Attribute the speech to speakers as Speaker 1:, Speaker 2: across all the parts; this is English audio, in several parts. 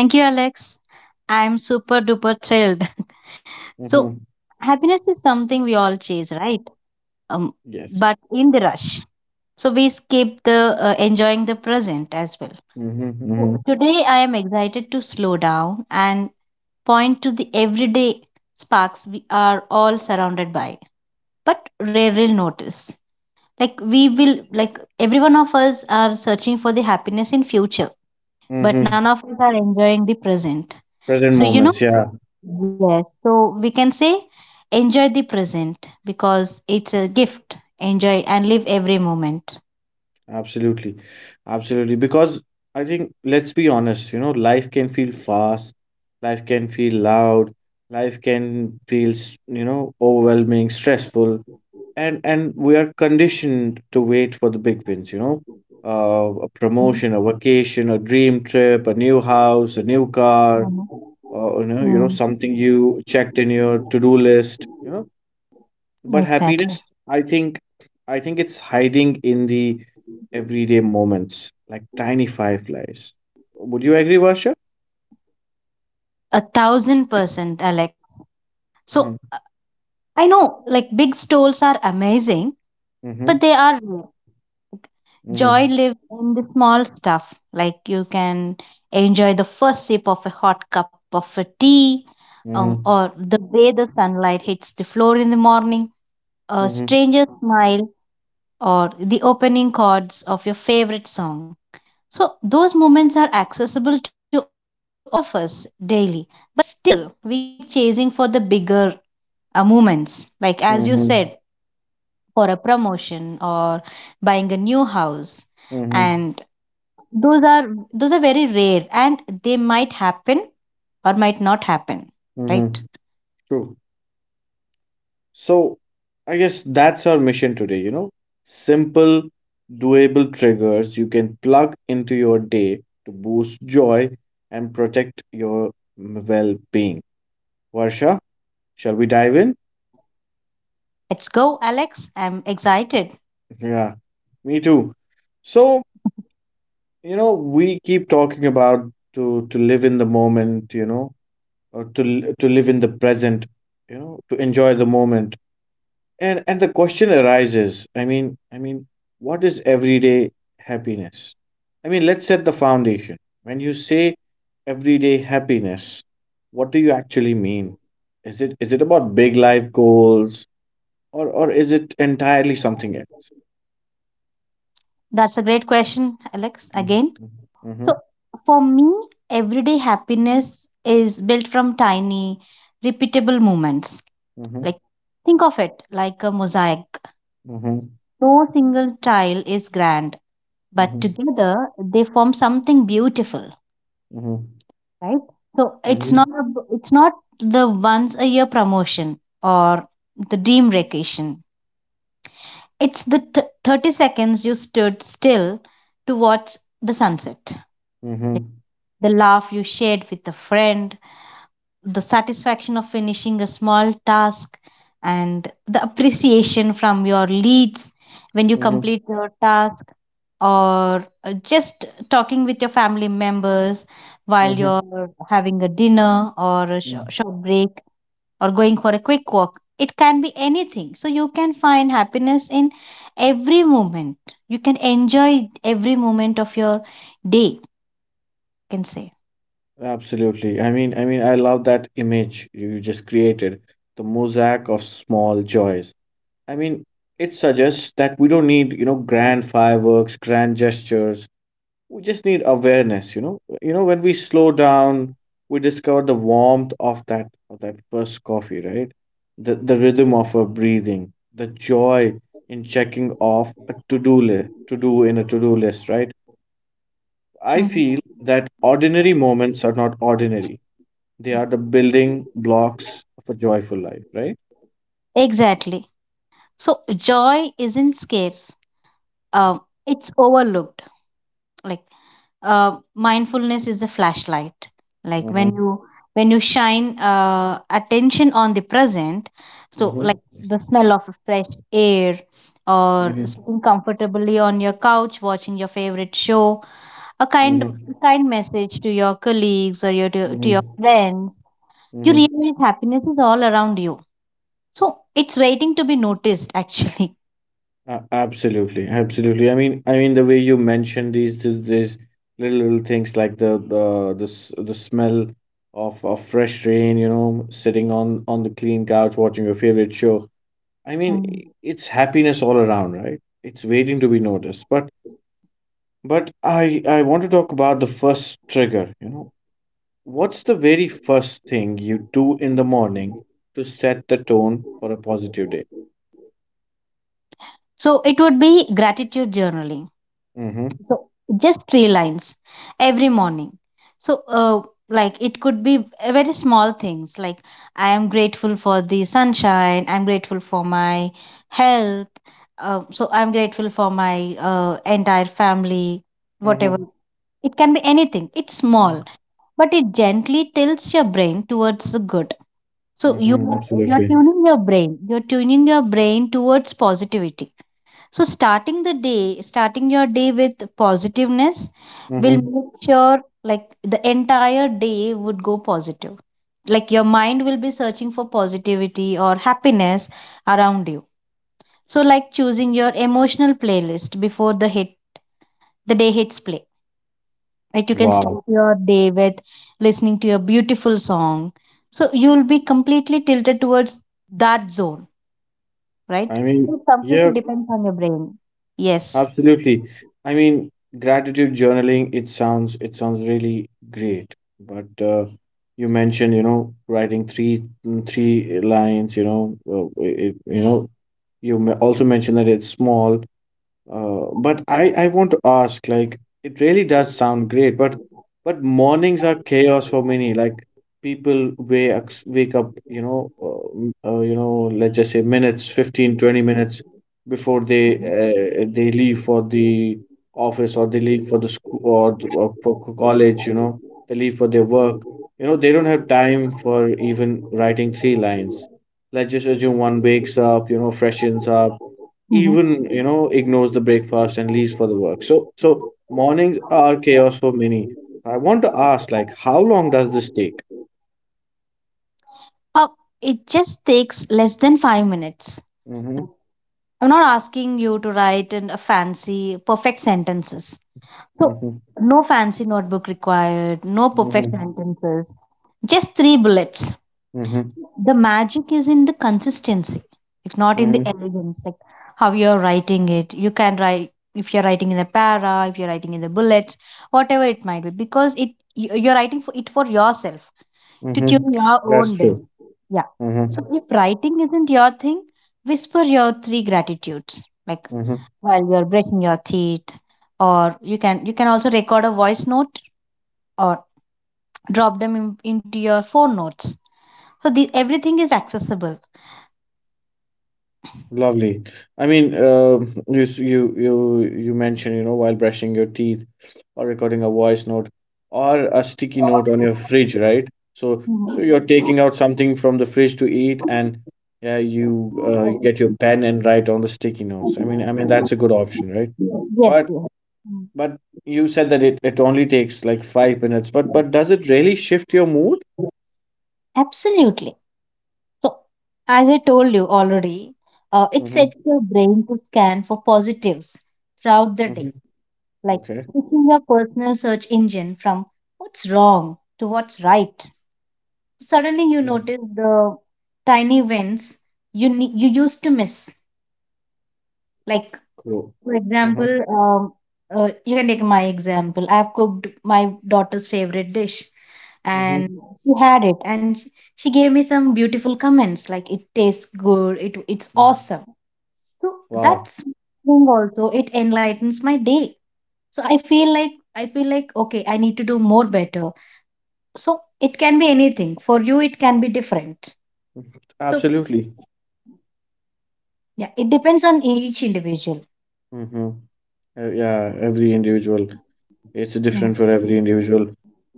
Speaker 1: Thank you, Alex. I'm super duper thrilled. so,
Speaker 2: Hmm.
Speaker 1: happiness is something we all chase, right? Um,
Speaker 2: Yes.
Speaker 1: but in the rush. So, we skip the enjoying the present as well.
Speaker 2: Mm-hmm,
Speaker 1: So
Speaker 2: mm-hmm.
Speaker 1: today, I am excited to slow down and point to the everyday sparks we are all surrounded by, but rarely notice. We will, every one of us are searching for the happiness in future, but
Speaker 2: Mm-hmm.
Speaker 1: none of us are enjoying the present.
Speaker 2: Present
Speaker 1: So, you know,
Speaker 2: moments, yeah,
Speaker 1: Yes, so we can say enjoy the present because it's a gift. Enjoy and live every moment.
Speaker 2: absolutely, absolutely. Because I think, let's be honest, you know, life can feel fast, life can feel loud, life can feel, overwhelming, stressful, and we are conditioned to wait for the big wins, a promotion,
Speaker 1: Mhm.
Speaker 2: a vacation, a dream trip, a new house, a new car,
Speaker 1: Mhm.
Speaker 2: or
Speaker 1: Mm,
Speaker 2: something you checked in your to-do list. But happiness,
Speaker 1: exactly.
Speaker 2: I think, I think, it's hiding in the everyday moments, like tiny fireflies. Would you agree, Varsha?
Speaker 1: 1000%, Alex. So
Speaker 2: Mm-hmm.
Speaker 1: I know like big stores are amazing,
Speaker 2: Mm-hmm.
Speaker 1: but they are rare. Joy
Speaker 2: Mm-hmm.
Speaker 1: lives in the small stuff. Like you can enjoy the first sip of a hot cup of a tea, or the way the sunlight hits the floor in the morning, a
Speaker 2: Mm-hmm. Mm-hmm.
Speaker 1: stranger's smile, or the opening chords of your favorite song. So, those moments are accessible to all of us daily. But still, we keep chasing for the bigger moments, like as you
Speaker 2: Mm-hmm.
Speaker 1: said, for a promotion or buying a new house.
Speaker 2: Mm-hmm.
Speaker 1: And those are those are very rare and they might happen or might not happen, right?
Speaker 2: Mm-hmm. True. So I guess that's our mission today, you know? Simple, doable triggers you can plug into your day to boost joy and protect your well-being. Varsha, shall we dive in?
Speaker 1: Let's go, Alex. I'm excited.
Speaker 2: Yeah, me too. So, you know, we keep talking about to live in the moment, you know, or to live in the present, to enjoy the moment. And the question arises, what is everyday happiness? I mean, let's set the foundation. When you say everyday happiness, what do you actually mean? Is it about big life goals or is it entirely something else?
Speaker 1: That's a great question, Alex.
Speaker 2: Mm-hmm.
Speaker 1: Again.
Speaker 2: Mm-hmm.
Speaker 1: So for me, everyday happiness is built from tiny, repeatable moments.
Speaker 2: Mm-hmm.
Speaker 1: Like think of it like a mosaic.
Speaker 2: Mhm,
Speaker 1: No single tile is grand, but
Speaker 2: mhm,
Speaker 1: together they form something beautiful,
Speaker 2: mhm,
Speaker 1: right? So
Speaker 2: mhm,
Speaker 1: it's not the once a year promotion or the dream vacation. It's 30 seconds you stood still to watch the sunset,
Speaker 2: mhm,
Speaker 1: the laugh you shared with a friend, the satisfaction of finishing a small task, and the appreciation from your leads when you
Speaker 2: mhm,
Speaker 1: complete your task, or just talking with your family members while
Speaker 2: mhm,
Speaker 1: you're having a dinner or a
Speaker 2: mhm.
Speaker 1: short break or going for a quick walk. It can be anything. So you can find happiness in every moment. You can enjoy every moment of your day, you can say.
Speaker 2: Absolutely. I love that image you just created, the mosaic of small joys. I mean, it suggests that we don't need, you know, grand fireworks, grand gestures. We just need awareness, when we slow down, we discover the warmth of that first coffee, right? The rhythm of our breathing, the joy in checking off a to-do list, right? I feel
Speaker 1: Mhm.
Speaker 2: that ordinary moments are not ordinary. They are the building blocks of a joyful life, right?
Speaker 1: Exactly. So joy isn't scarce. Uh, it's overlooked. Like mindfulness is a flashlight. Like
Speaker 2: Mm-hmm,
Speaker 1: when you shine attention on the present, so
Speaker 2: mm-hmm,
Speaker 1: like the smell of fresh air or
Speaker 2: mm-hmm,
Speaker 1: sitting comfortably on your couch watching your favorite show, a
Speaker 2: mm-hmm, mm-hmm,
Speaker 1: kind message to your colleagues or your to your
Speaker 2: mm-hmm.
Speaker 1: friends, you realize happiness is all around you. So it's waiting to be noticed actually.
Speaker 2: Absolutely, absolutely. I mean, the way you mentioned these little things, like the smell of fresh rain, you know, sitting on the clean couch watching your favorite show. I mean,
Speaker 1: Mm.
Speaker 2: it's happiness all around, right? It's waiting to be noticed. But I want to talk about the first trigger. What's the very first thing you do in the morning to set the tone for a positive day?
Speaker 1: So it would be gratitude journaling.
Speaker 2: Mm-hmm.
Speaker 1: So just three lines every morning. So like it could be a very small things like I am grateful for the sunshine. I'm grateful for my health. So I'm grateful for my entire family. Whatever,
Speaker 2: Mm-hmm.
Speaker 1: it can be anything. It's small, but it gently tilts your brain towards the good. So
Speaker 2: Mm-hmm. Mm-hmm.
Speaker 1: you're
Speaker 2: Absolutely.
Speaker 1: tuning your brain. You're tuning your brain towards positivity, so, starting the day, starting your day with positiveness will
Speaker 2: Mm-hmm.
Speaker 1: make sure like the entire day would go positive. Like your mind will be searching for positivity or happiness around you. So, like choosing your emotional playlist before the day hits play. Like you can
Speaker 2: Wow.
Speaker 1: start your day with listening to a beautiful song. So you'll be completely tilted towards that zone, right?
Speaker 2: I mean,
Speaker 1: It completely
Speaker 2: yeah,
Speaker 1: depends on your brain. Yes.
Speaker 2: absolutely. I mean, gratitude journaling, it sounds really great. But you mentioned, writing three lines, you know, it, you know, you me- also mentioned that it's small. But I want to ask, like, it really does sound great, but mornings are chaos for many. Like, people wake up, let's just say 15, 20 minutes before they leave for the office or they leave for the school, or for college. You know, they leave for their work. You know, they don't have time for even writing three lines. Let's just assume one wakes up, freshens up,
Speaker 1: Mhm.
Speaker 2: even ignores the breakfast and leaves for the work. So mornings are chaos for many. I want to ask, like, how long does this take?
Speaker 1: Oh, it just takes less than 5 minutes.
Speaker 2: Mm-hmm,
Speaker 1: I'm not asking you to write in a fancy, perfect sentences. So,
Speaker 2: mm-hmm,
Speaker 1: no fancy notebook required, no perfect
Speaker 2: mm-hmm,
Speaker 1: sentences, just three bullets.
Speaker 2: mm-hmm,
Speaker 1: The magic is in the consistency, like not in the
Speaker 2: mm-hmm,
Speaker 1: elegance, like how you're writing it. You can write if you're writing in the para, if you're writing in the bullets, whatever it might be, because it you're writing for it for yourself to
Speaker 2: mm-hmm.
Speaker 1: tune your
Speaker 2: That's
Speaker 1: own
Speaker 2: true.
Speaker 1: bell. Yeah.
Speaker 2: Mm-hmm,
Speaker 1: So if writing isn't your thing, whisper your three gratitudes, like
Speaker 2: mm-hmm.
Speaker 1: while you're brushing your teeth, or you can also record a voice note or drop them into your phone notes. So the everything is accessible.
Speaker 2: Lovely. I mean, you you mentioned, while brushing your teeth or recording a voice note or a sticky note on your fridge, right? So
Speaker 1: Mhm.
Speaker 2: you're taking out something from the fridge to eat, and yeah, you you get your pen and write on the sticky notes. I mean, that's a good option, right?
Speaker 1: Yes,
Speaker 2: But
Speaker 1: yes. Mm.
Speaker 2: but you said that it only takes like 5 minutes, but does it really shift your mood?
Speaker 1: Absolutely. So, as I told you already, it
Speaker 2: Mm-hmm.
Speaker 1: sets your brain to scan for positives throughout the
Speaker 2: Mm-hmm.
Speaker 1: day, like
Speaker 2: Okay.
Speaker 1: switching your personal search engine from what's wrong to what's right. Suddenly, you
Speaker 2: Mm.
Speaker 1: notice the tiny wins you used to miss. Like
Speaker 2: Cool.
Speaker 1: for
Speaker 2: Mm-hmm.
Speaker 1: example, um, you can take my example. I've cooked my daughter's favorite dish,
Speaker 2: Mm-hmm.
Speaker 1: and she had it, and she gave me some beautiful comments like it tastes good, it's
Speaker 2: Mm-hmm.
Speaker 1: awesome. So
Speaker 2: Wow.
Speaker 1: that's thing also it enlightens my day. So I feel like, I feel like, okay, I need to do more better. So it can be anything. For you, it can be different. So
Speaker 2: Absolutely.
Speaker 1: yeah, it depends on each individual.
Speaker 2: Mm-hmm. Yeah, every individual. It's different
Speaker 1: Mhm.
Speaker 2: for every individual.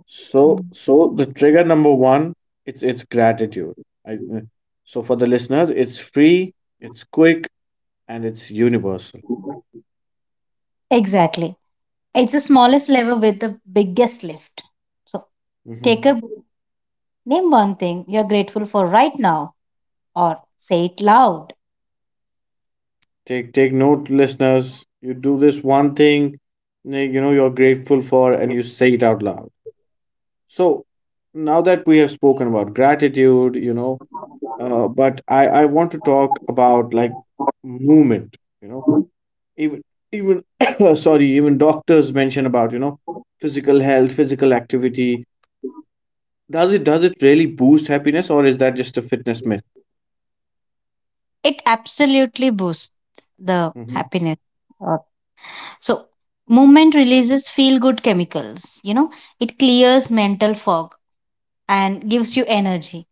Speaker 2: So,
Speaker 1: Mm.
Speaker 2: so the trigger number one, it's gratitude. I, uh, so, for the listeners, it's free, it's quick, and it's universal.
Speaker 1: Exactly. It's the smallest level with the biggest lift. So take
Speaker 2: Mm-hmm.
Speaker 1: a break, name one thing you're grateful for right now or say it loud.
Speaker 2: Take note, listeners. You do this one thing, you know you're grateful for, and you say it out loud. So now that we have spoken about gratitude, but I want to talk about, like, movement, you know even even, sorry, even doctors mention about physical health, physical activity. Does it really boost happiness, or is that just a fitness myth?
Speaker 1: It absolutely boosts the
Speaker 2: Mm-hmm,
Speaker 1: happiness. Or so, movement releases feel good chemicals, you know, it clears mental fog and gives you energy.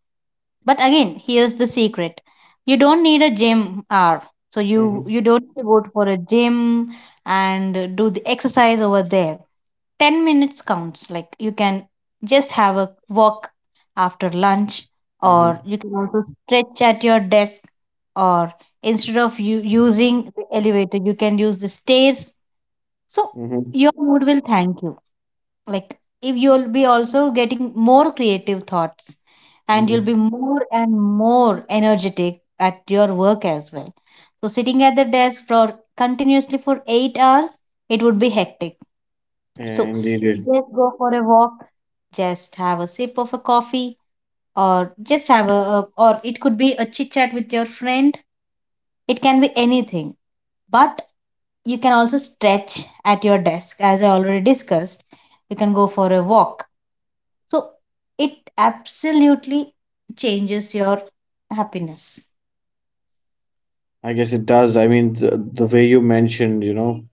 Speaker 1: But again, here's the secret. You don't need a gym hour. So
Speaker 2: mm-hmm,
Speaker 1: you don't need to go for a gym and do the exercise over there. 10 minutes counts. Like you can just have a walk after lunch,
Speaker 2: mm-hmm,
Speaker 1: or you can also stretch at your desk, or instead of you using the elevator you can use the stairs. So
Speaker 2: mm-hmm,
Speaker 1: your mood will thank you. Like if you'll be also getting more creative thoughts and you'll
Speaker 2: mm-hmm.
Speaker 1: be more and more energetic at your work as well. So sitting at the desk for continuously for 8 hours, it would be hectic. So
Speaker 2: Indeed.
Speaker 1: just go for a walk, just have a sip of a coffee, or just have a or it could be a chit chat with your friend. It can be anything. But you can also stretch at your desk as I already discussed. You can go for a walk. So it absolutely changes your happiness.
Speaker 2: I guess it does. I mean, the way you mentioned, you know,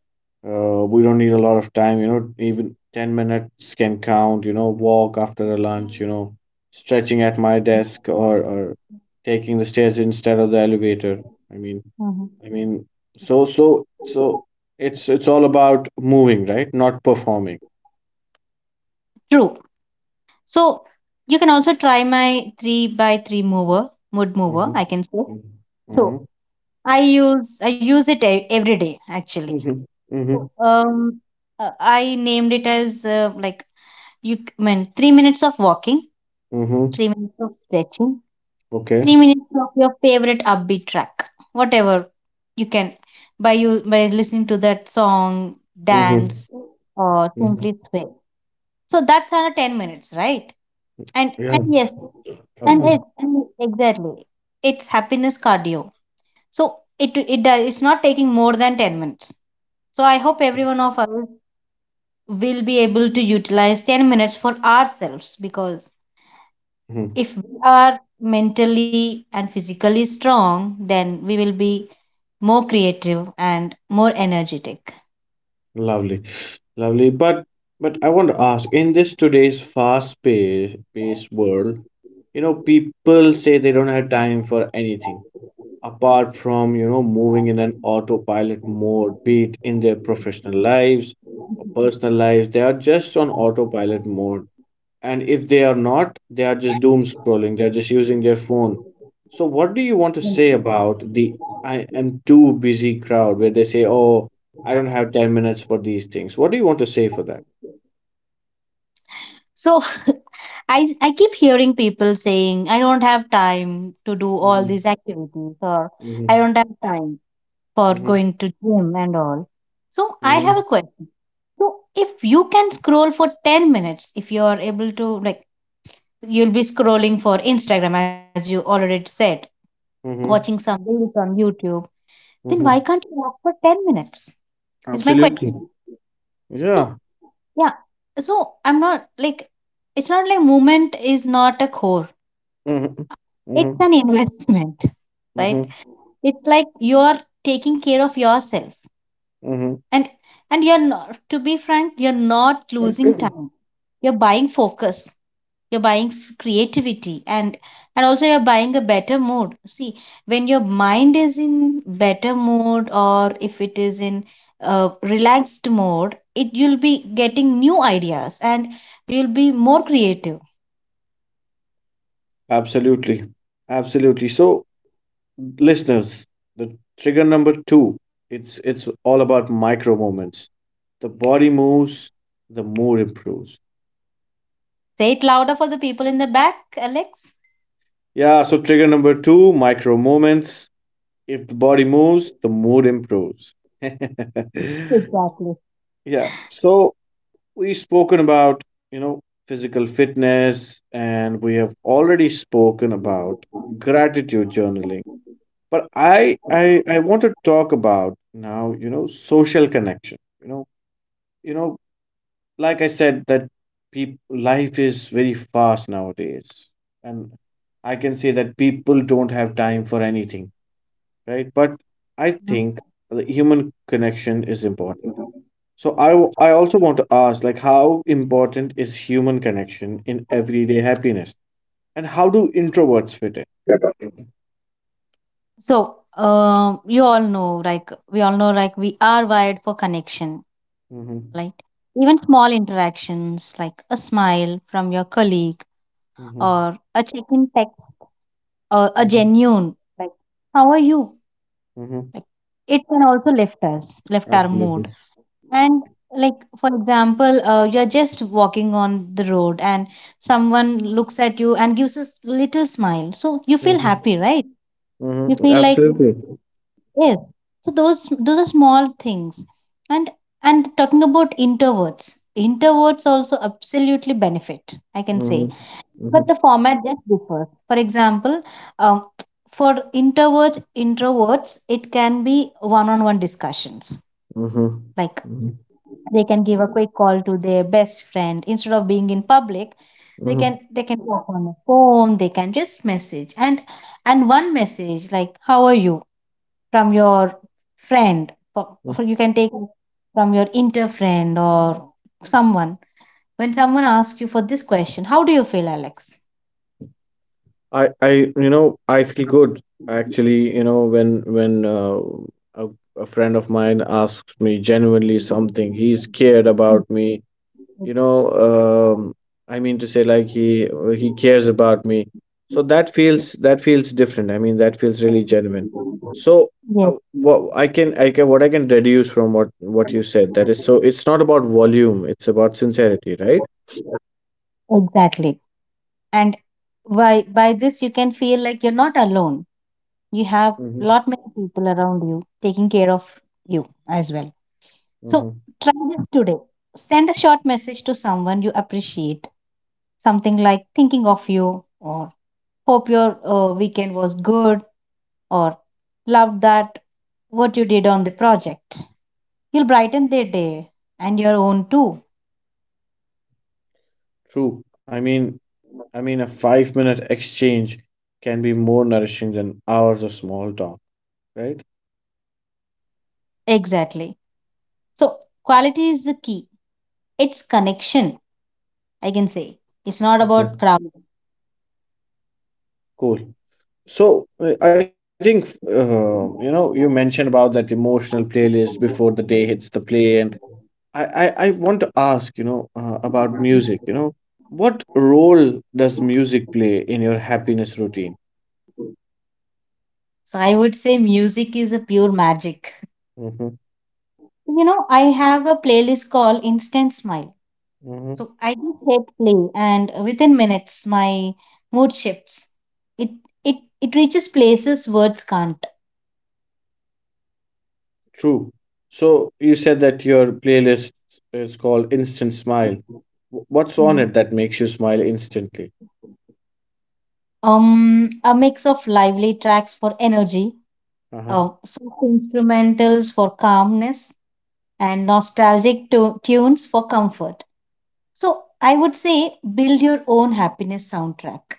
Speaker 2: uh, we don't need a lot of time, you know, even 10 minutes can count, you know, walk after a lunch, you know, stretching at my desk, or taking the stairs instead of the elevator. I mean,
Speaker 1: Mhm.
Speaker 2: I mean, so it's all about moving, right? Not performing.
Speaker 1: True. So you can also try my three by three mood mover,
Speaker 2: Mm-hmm.
Speaker 1: I can say.
Speaker 2: Mm-hmm. Mm-hmm.
Speaker 1: So I use it every day actually.
Speaker 2: Mm-hmm.
Speaker 1: So
Speaker 2: Mm-hmm.
Speaker 1: I named it as like you mean 3 minutes of walking,
Speaker 2: Mm-hmm.
Speaker 1: 3 minutes of stretching,
Speaker 2: Okay.
Speaker 1: 3 minutes of your favorite upbeat track. Whatever, you can by you by listening to that song
Speaker 2: Mm-hmm.
Speaker 1: dance or
Speaker 2: Mm-hmm.
Speaker 1: simply sway. So that's another 10 minutes, right? And
Speaker 2: Yeah.
Speaker 1: yes, and it and exactly, it's happiness cardio. So it does, it's not taking more than 10 minutes. So I hope everyone of us will be able to utilize 10 minutes for ourselves, because
Speaker 2: Mhm.
Speaker 1: if we are mentally and physically strong, then we will be more creative and more energetic.
Speaker 2: Lovely, lovely. But I want to ask, in this today's fast-paced world, you know, people say they don't have time for anything apart from, moving in an autopilot mode, be it in their professional lives or personal lives. They are just on autopilot mode. And if they are not, they are just doom scrolling. They're just using their phone. So, what do you want to say about the "I am too busy" crowd, where they say, oh, I don't have 10 minutes for these things? What do you want to say for that?
Speaker 1: So I keep hearing people saying I don't have time to do all these
Speaker 2: Hmm.
Speaker 1: activities or I
Speaker 2: Hmm.
Speaker 1: don't have time for
Speaker 2: Hmm.
Speaker 1: going to gym and all. So I have
Speaker 2: Hmm.
Speaker 1: a question. So if you can scroll for 10 minutes, if you are able to, like, you'll be scrolling for Instagram as you already said, watching
Speaker 2: Hmm.
Speaker 1: some reels on YouTube, then why
Speaker 2: Hmm.
Speaker 1: can't you walk for 10 minutes is my
Speaker 2: Absolutely.
Speaker 1: question.
Speaker 2: Yeah.
Speaker 1: So yeah. So I'm not like, it's not like movement is not a core.
Speaker 2: Hmm.
Speaker 1: It's
Speaker 2: Hmm.
Speaker 1: an investment, right?
Speaker 2: Hmm.
Speaker 1: It's like you're taking care of yourself.
Speaker 2: Hmm.
Speaker 1: And you're not, to be frank, you're not losing time. You're buying focus. You're buying creativity and also you're buying a better mood. See, when your mind is in better mood or if it is in relaxed mode, it, you'll be getting new ideas and you'll be more creative.
Speaker 2: Absolutely. Absolutely. So, listeners, the trigger number two, it's all about micro moments. The body moves, the mood improves.
Speaker 1: Say it louder for the people in the back, Alex.
Speaker 2: Yeah, so trigger number two, micro moments. If the body moves, the mood improves.
Speaker 1: Exactly.
Speaker 2: Yeah, so we've spoken about, you know physical fitness, and we have already spoken about gratitude journaling. But I want to talk about now, social connection, you know like I said, that peop life is very fast nowadays, and I can say that people don't have time for anything, right? But I think the human connection is important. So I also want to ask, like, how important is human connection in everyday happiness, and how do introverts fit in?
Speaker 1: Mhm. So, you all know, like, we all know, like, we are wired for connection,
Speaker 2: Mm-hmm.
Speaker 1: right? Even small interactions, like a smile from your colleague
Speaker 2: Mm-hmm.
Speaker 1: or a check in text or a
Speaker 2: Mm-hmm.
Speaker 1: genuine, like, how are you?
Speaker 2: Mm-hmm.
Speaker 1: It can also lift us, lift our mood.
Speaker 2: Absolutely.
Speaker 1: And like for example, you're just walking on the road and someone looks at you and gives a little smile. So you feel
Speaker 2: Mm-hmm.
Speaker 1: happy, right? You
Speaker 2: Mm-hmm.
Speaker 1: feel like
Speaker 2: Absolutely.
Speaker 1: yes. So those are small things. And talking about introverts, introverts also absolutely benefit, I can
Speaker 2: Mm-hmm.
Speaker 1: say. But
Speaker 2: Mm-hmm.
Speaker 1: the format just differs. For example, um, for introverts, introverts, it can be one-on-one discussions. Like
Speaker 2: Mm-hmm.
Speaker 1: they can give a quick call to their best friend instead of being in public. They can
Speaker 2: Mm-hmm.
Speaker 1: talk on the phone. They can just message. And one message like "How are you?" from your friend. For you can take from your inter friend or someone. When someone asks you for this question, "How do you feel, Alex?"
Speaker 2: I, I, I feel good actually. You know, when when uh, a, a friend of mine asks me genuinely something, he's cared
Speaker 1: Mm,
Speaker 2: about me.
Speaker 1: mm,
Speaker 2: You know, um, I mean to say, like, he cares about me. So that feels different. I mean, that feels really genuine. So
Speaker 1: yes,
Speaker 2: what I can deduce from what you said, that is, so it's not about volume, it's about sincerity, right?
Speaker 1: exactly. And by this you can feel like you're not alone. You have
Speaker 2: Mm-hmm.
Speaker 1: lot many people around you taking care of you as well. So try this today. Send a short message to someone you appreciate, something like "Thinking of you," or "Hope your weekend was good," or "Loved that what you did on the project." You'll brighten their day and your own too.
Speaker 2: True. I mean, a 5 minute exchange can be more nourishing than hours of small talk, right?
Speaker 1: Exactly. So, quality is the key. It's connection, I can say. It's not about
Speaker 2: Mhm.
Speaker 1: crowd.
Speaker 2: Cool. So I think you know you mentioned about that emotional playlist before the day hits the play, and I want to ask, about music. You know what role does music play in your happiness routine?
Speaker 1: So, I would say music is a pure magic.
Speaker 2: Mm-hmm.
Speaker 1: You know, I have a playlist called Instant Smile.
Speaker 2: Mm-hmm.
Speaker 1: So I just hit play, and within minutes, my mood shifts. It it reaches places words can't.
Speaker 2: True. So you said that your playlist is called Instant Smile. What's on
Speaker 1: Mhm.
Speaker 2: it that makes you smile instantly?
Speaker 1: A mix of lively tracks for energy,
Speaker 2: Uh-huh.
Speaker 1: soft instrumentals for calmness, and nostalgic tunes for comfort. So I would say build your own happiness soundtrack.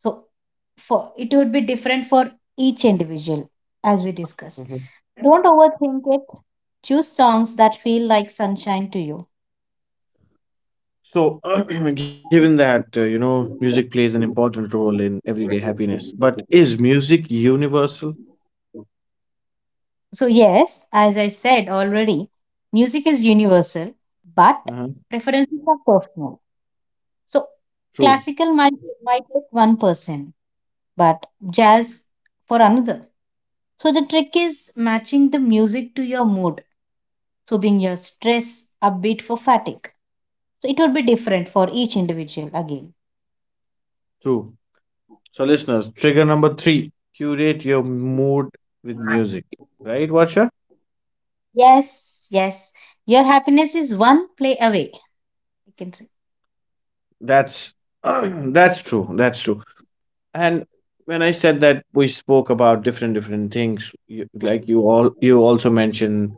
Speaker 1: So for it would be different for each individual, as we
Speaker 2: Hmm.
Speaker 1: discuss. Don't overthink it. Choose songs that feel like sunshine to you.
Speaker 2: So, given that, music plays an important role in everyday happiness, but is music universal?
Speaker 1: So, yes, as I said already, music is universal, but
Speaker 2: Uh-huh.
Speaker 1: preferences are personal. So,
Speaker 2: True,
Speaker 1: classical might fit one person, but jazz for another. So, the trick is matching the music to your mood, soothing your stress, upbeat for fatigue. So, it will be different for each individual again.
Speaker 2: true. So, listeners, trigger number three, curate your mood with music, right, Vatsha?
Speaker 1: Yes, yes. Your happiness is one play away, I can say.
Speaker 2: That's that's true. That's true. And when I said that we spoke about different things, like you also mentioned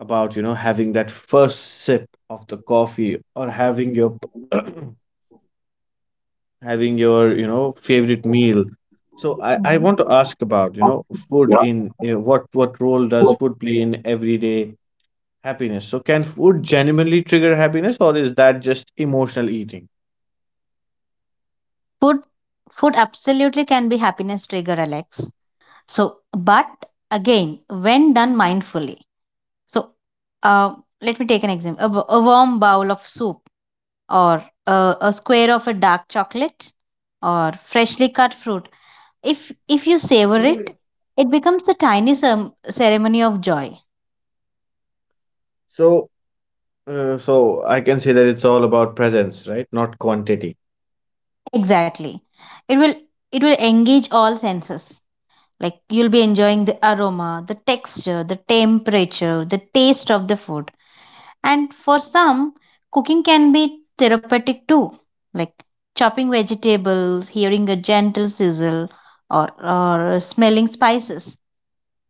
Speaker 2: about, having that first sip of the coffee, or having your having your favorite meal. So I want
Speaker 1: Mhm.
Speaker 2: to ask about, food in, what role does food play in everyday happiness. So can food genuinely trigger happiness, or is that just emotional eating?
Speaker 1: Food, food absolutely can be happiness trigger, Alex. So, but again, when done mindfully. So, uh, let me take an example. A, a warm bowl of soup, or a square of a dark chocolate, or freshly cut fruit. If you savor it, it becomes a tiny ceremony of joy.
Speaker 2: So uh, so I can say that it's all about presence, right? Not quantity.
Speaker 1: Exactly, it will it will engage all senses. Like you'll be enjoying the aroma, the texture, the temperature, the taste of the food. And for some, cooking can be therapeutic too, like chopping vegetables, hearing a gentle sizzle, or smelling spices.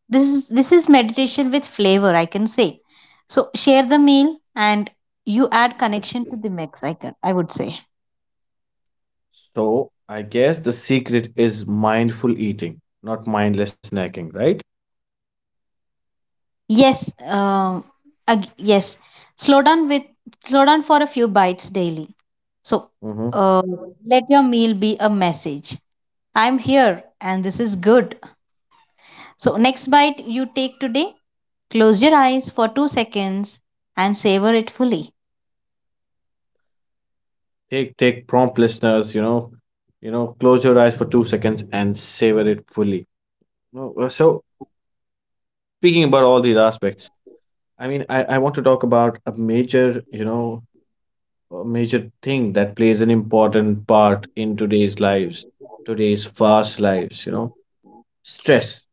Speaker 1: This is meditation with flavor, I can say. So share the meal and you add connection to the mix, I would say.
Speaker 2: So I guess the secret is mindful eating, not mindless snacking, right?
Speaker 1: Yes, yes. Slow down with slow down for a few bites daily. So
Speaker 2: Mm-hmm.
Speaker 1: uh, let your meal be a message. I'm here and this is good. So, next bite you take today, close your eyes for 2 seconds and savor it fully.
Speaker 2: Take prompt, listeners, close your eyes for 2 seconds and savor it fully. No, So speaking about all these aspects, I want to talk about a major, a major thing that plays an important part in today's lives, today's fast lives, you know, stress.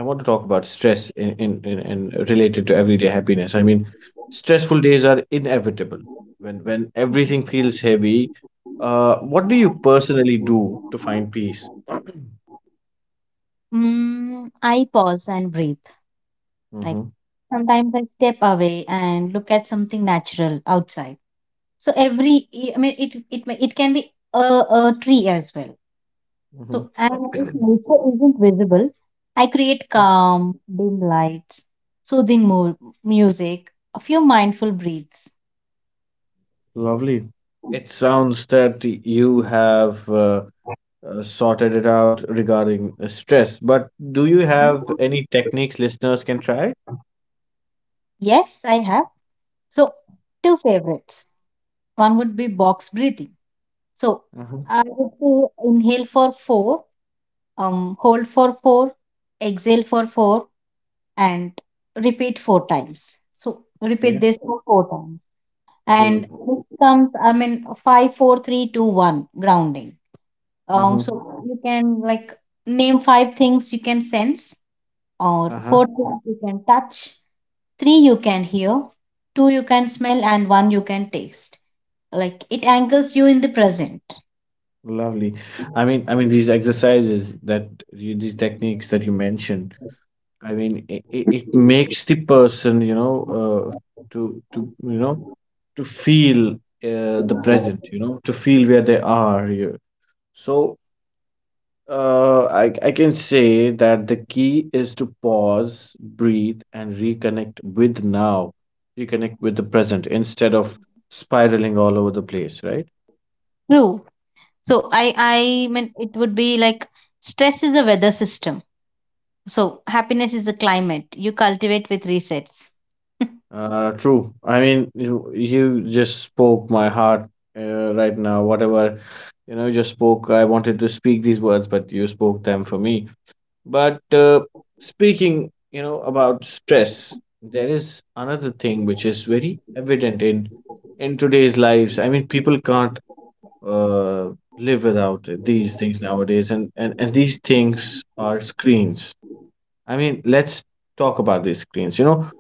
Speaker 2: I want to talk about stress in related to everyday happiness. Stressful days are inevitable. When everything feels heavy, what do you personally do to find peace?
Speaker 1: I pause and breathe. Like
Speaker 2: hmm
Speaker 1: sometimes I step away and look at something natural outside. So every, I mean, it it can be a, a tree as well.
Speaker 2: hmm
Speaker 1: So and if nature isn't visible, I create calm, dim lights, soothing music, a few mindful breaths.
Speaker 2: Lovely. It sounds that you have sorted it out regarding stress, but do you have any techniques listeners can try?
Speaker 1: Yes, I have. So two favorites. One would be box breathing. So
Speaker 2: Uh-huh.
Speaker 1: I would say inhale for four, hold for four, exhale for four, and repeat four times. So repeat this for four times. And
Speaker 2: Okay.
Speaker 1: this comes, I mean, five, four, three, two, one, grounding.
Speaker 2: Mm-hmm.
Speaker 1: So you can like name five things you can sense, or
Speaker 2: Uh-huh.
Speaker 1: four things you can touch, three you can hear, two you can smell, and one you can taste. Like it anchors you in the present.
Speaker 2: Lovely. These exercises these techniques that you mentioned, I mean, it, it, makes the person, you know, to you know, to feel the present, you know, to feel where they are here. So, I can say that the key is to pause, breathe, and reconnect with now, reconnect with the present instead of spiraling all over the place, right?
Speaker 1: True. So I mean it would be like stress is a weather system. So happiness is a climate you cultivate with resets.
Speaker 2: True. I mean, you just spoke my heart right now. Whatever, you know, you just spoke. I wanted to speak these words, but you spoke them for me. But speaking, you know, about stress, there is another thing which is very evident in today's lives. I mean, people can't uh, live without these things nowadays, and these things are screens. I mean, let's talk about these screens. You know,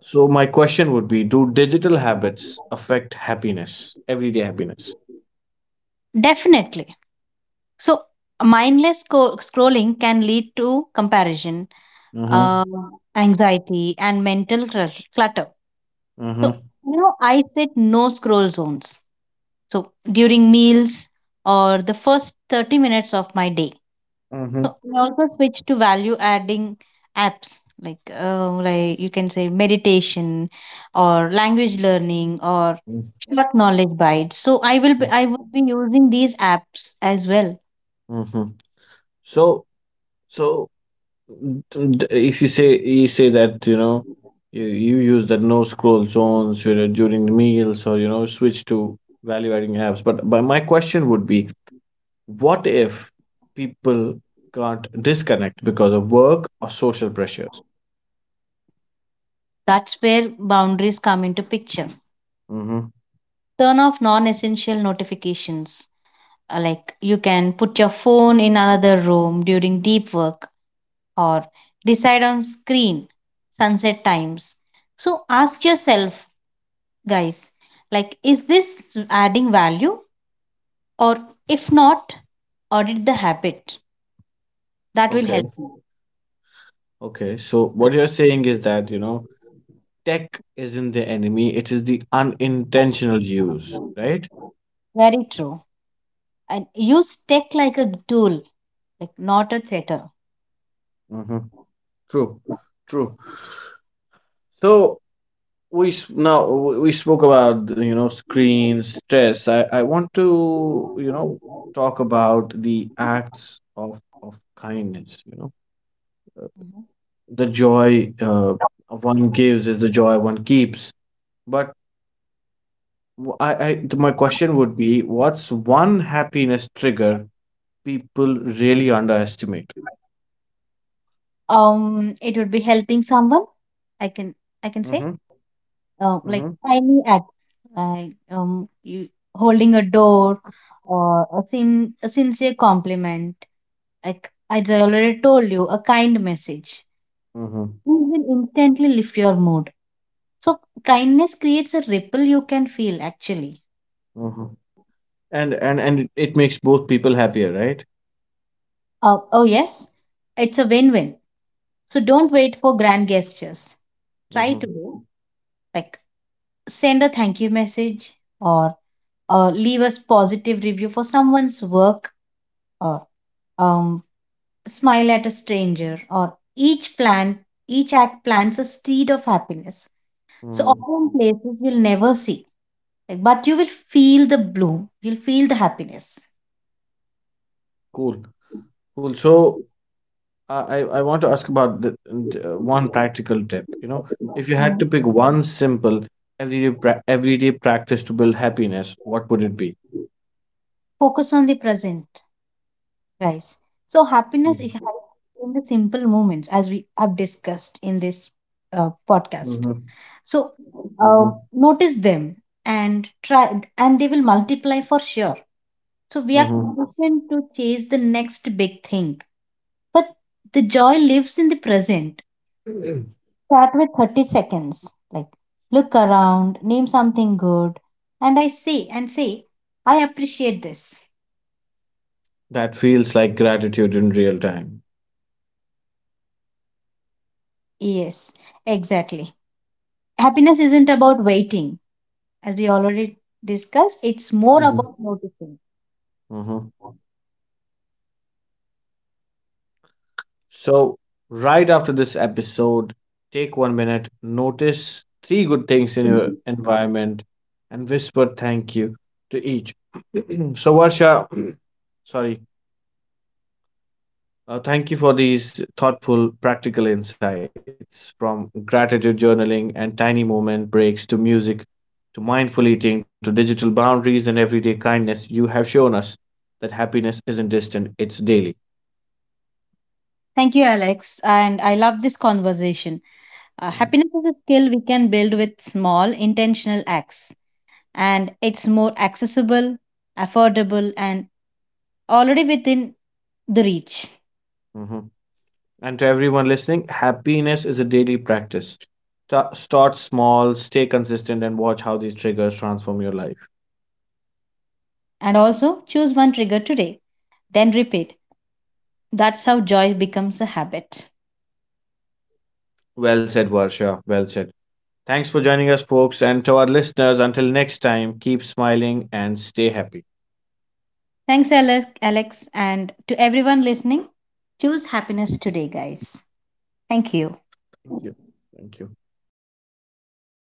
Speaker 2: so my question would be, do digital habits affect happiness, everyday happiness?
Speaker 1: Definitely. So mindless scrolling can lead to comparison,
Speaker 2: Mm-hmm.
Speaker 1: uh, anxiety, and mental clutter. So,
Speaker 2: Mm-hmm.
Speaker 1: you know, I set no scroll zones. So, during meals or the first 30 minutes of my day. So we also switch to value adding apps like you can say meditation or language learning or
Speaker 2: Mm-hmm.
Speaker 1: short knowledge bites. So I would be using these apps as well.
Speaker 2: Mm-hmm. So so if you say that you know you use that no scroll zones you know during the meals or you know switch to value adding apps, but my question would be, what if people can't disconnect because of work or social pressures?
Speaker 1: That's where boundaries come into picture.
Speaker 2: Mm-hmm.
Speaker 1: Turn off non-essential notifications. Like you can put your phone in another room during deep work or decide on screen sunset times. So ask yourself, guys, like is this adding value, or if not, audit the habit. That will
Speaker 2: Okay,
Speaker 1: help you.
Speaker 2: okay, so what you're saying is that you know tech isn't the enemy, it is the unintentional use, right?
Speaker 1: Very true. And use tech like a tool, like not a theater.
Speaker 2: Mm-hmm. True, true. So we s- now we spoke about you know screens, stress. I want to you know talk about the acts of kindness. You know
Speaker 1: Mhm.
Speaker 2: the joy one gives is the joy one keeps. But my question would be, what's one happiness trigger people really underestimate?
Speaker 1: It would be helping someone, i can
Speaker 2: Mm-hmm.
Speaker 1: I can say. Like tiny acts like you holding a door, or a sincere compliment, like as I already told you, a kind message.
Speaker 2: Mm-hmm.
Speaker 1: These will instantly lift your mood. So kindness creates a ripple you can feel actually.
Speaker 2: Mhm. And it makes both people happier, right?
Speaker 1: Oh yes, it's a win-win. So don't wait for grand gestures. Try to
Speaker 2: Mhm.
Speaker 1: do like send a thank you message, or leave a positive review for someone's work, or um, smile at a stranger, or each act plants a seed of happiness. So
Speaker 2: Mhm.
Speaker 1: often places you'll never see, like, but you will feel the bloom. You'll feel the happiness.
Speaker 2: Cool. Cool. So I want to ask about the one practical tip. You know, if you had to
Speaker 1: Mhm.
Speaker 2: pick one simple everyday practice to build happiness, what would it be?
Speaker 1: Focus on the present, guys. So happiness is
Speaker 2: Mm-hmm.
Speaker 1: hides in the simple moments, as we have discussed in this podcast. So
Speaker 2: Mm-hmm.
Speaker 1: notice them and try, and they will multiply for sure. So we
Speaker 2: Mm-hmm.
Speaker 1: are conditioned to chase the next big thing, but the joy lives in the present. Start with 30 seconds, like look around, name something good, and say, "I appreciate this."
Speaker 2: That feels like gratitude in real time.
Speaker 1: Yes, exactly. Happiness isn't about waiting, as we already discussed, it's more
Speaker 2: Mm-hmm.
Speaker 1: about noticing.
Speaker 2: Mm-hmm. So, right after this episode, take one minute, notice three good things in your environment, and whisper thank you to each. So, Varsha, sorry, thank you for these thoughtful, practical insights, from gratitude journaling and tiny moment breaks to music, to mindful eating, to digital boundaries and everyday kindness. You have shown us that happiness isn't distant, it's daily.
Speaker 1: Thank you, Alex. And I love this conversation.
Speaker 2: Mhm.
Speaker 1: Happiness is a skill we can build with small, intentional acts, and it's more accessible, affordable, and already within the reach.
Speaker 2: Mhm. And to everyone listening, happiness is a daily practice. Start small, stay consistent, and watch how these triggers transform your life.
Speaker 1: And also, choose one trigger today, then repeat. That's how joy becomes a habit.
Speaker 2: Well said, Varsha. Well said. Thanks for joining us, folks. And to our listeners, until next time, keep smiling and stay happy.
Speaker 1: Thanks, Alex, and to everyone listening. Choose happiness today, guys. Thank you.
Speaker 2: Thank you. Thank you.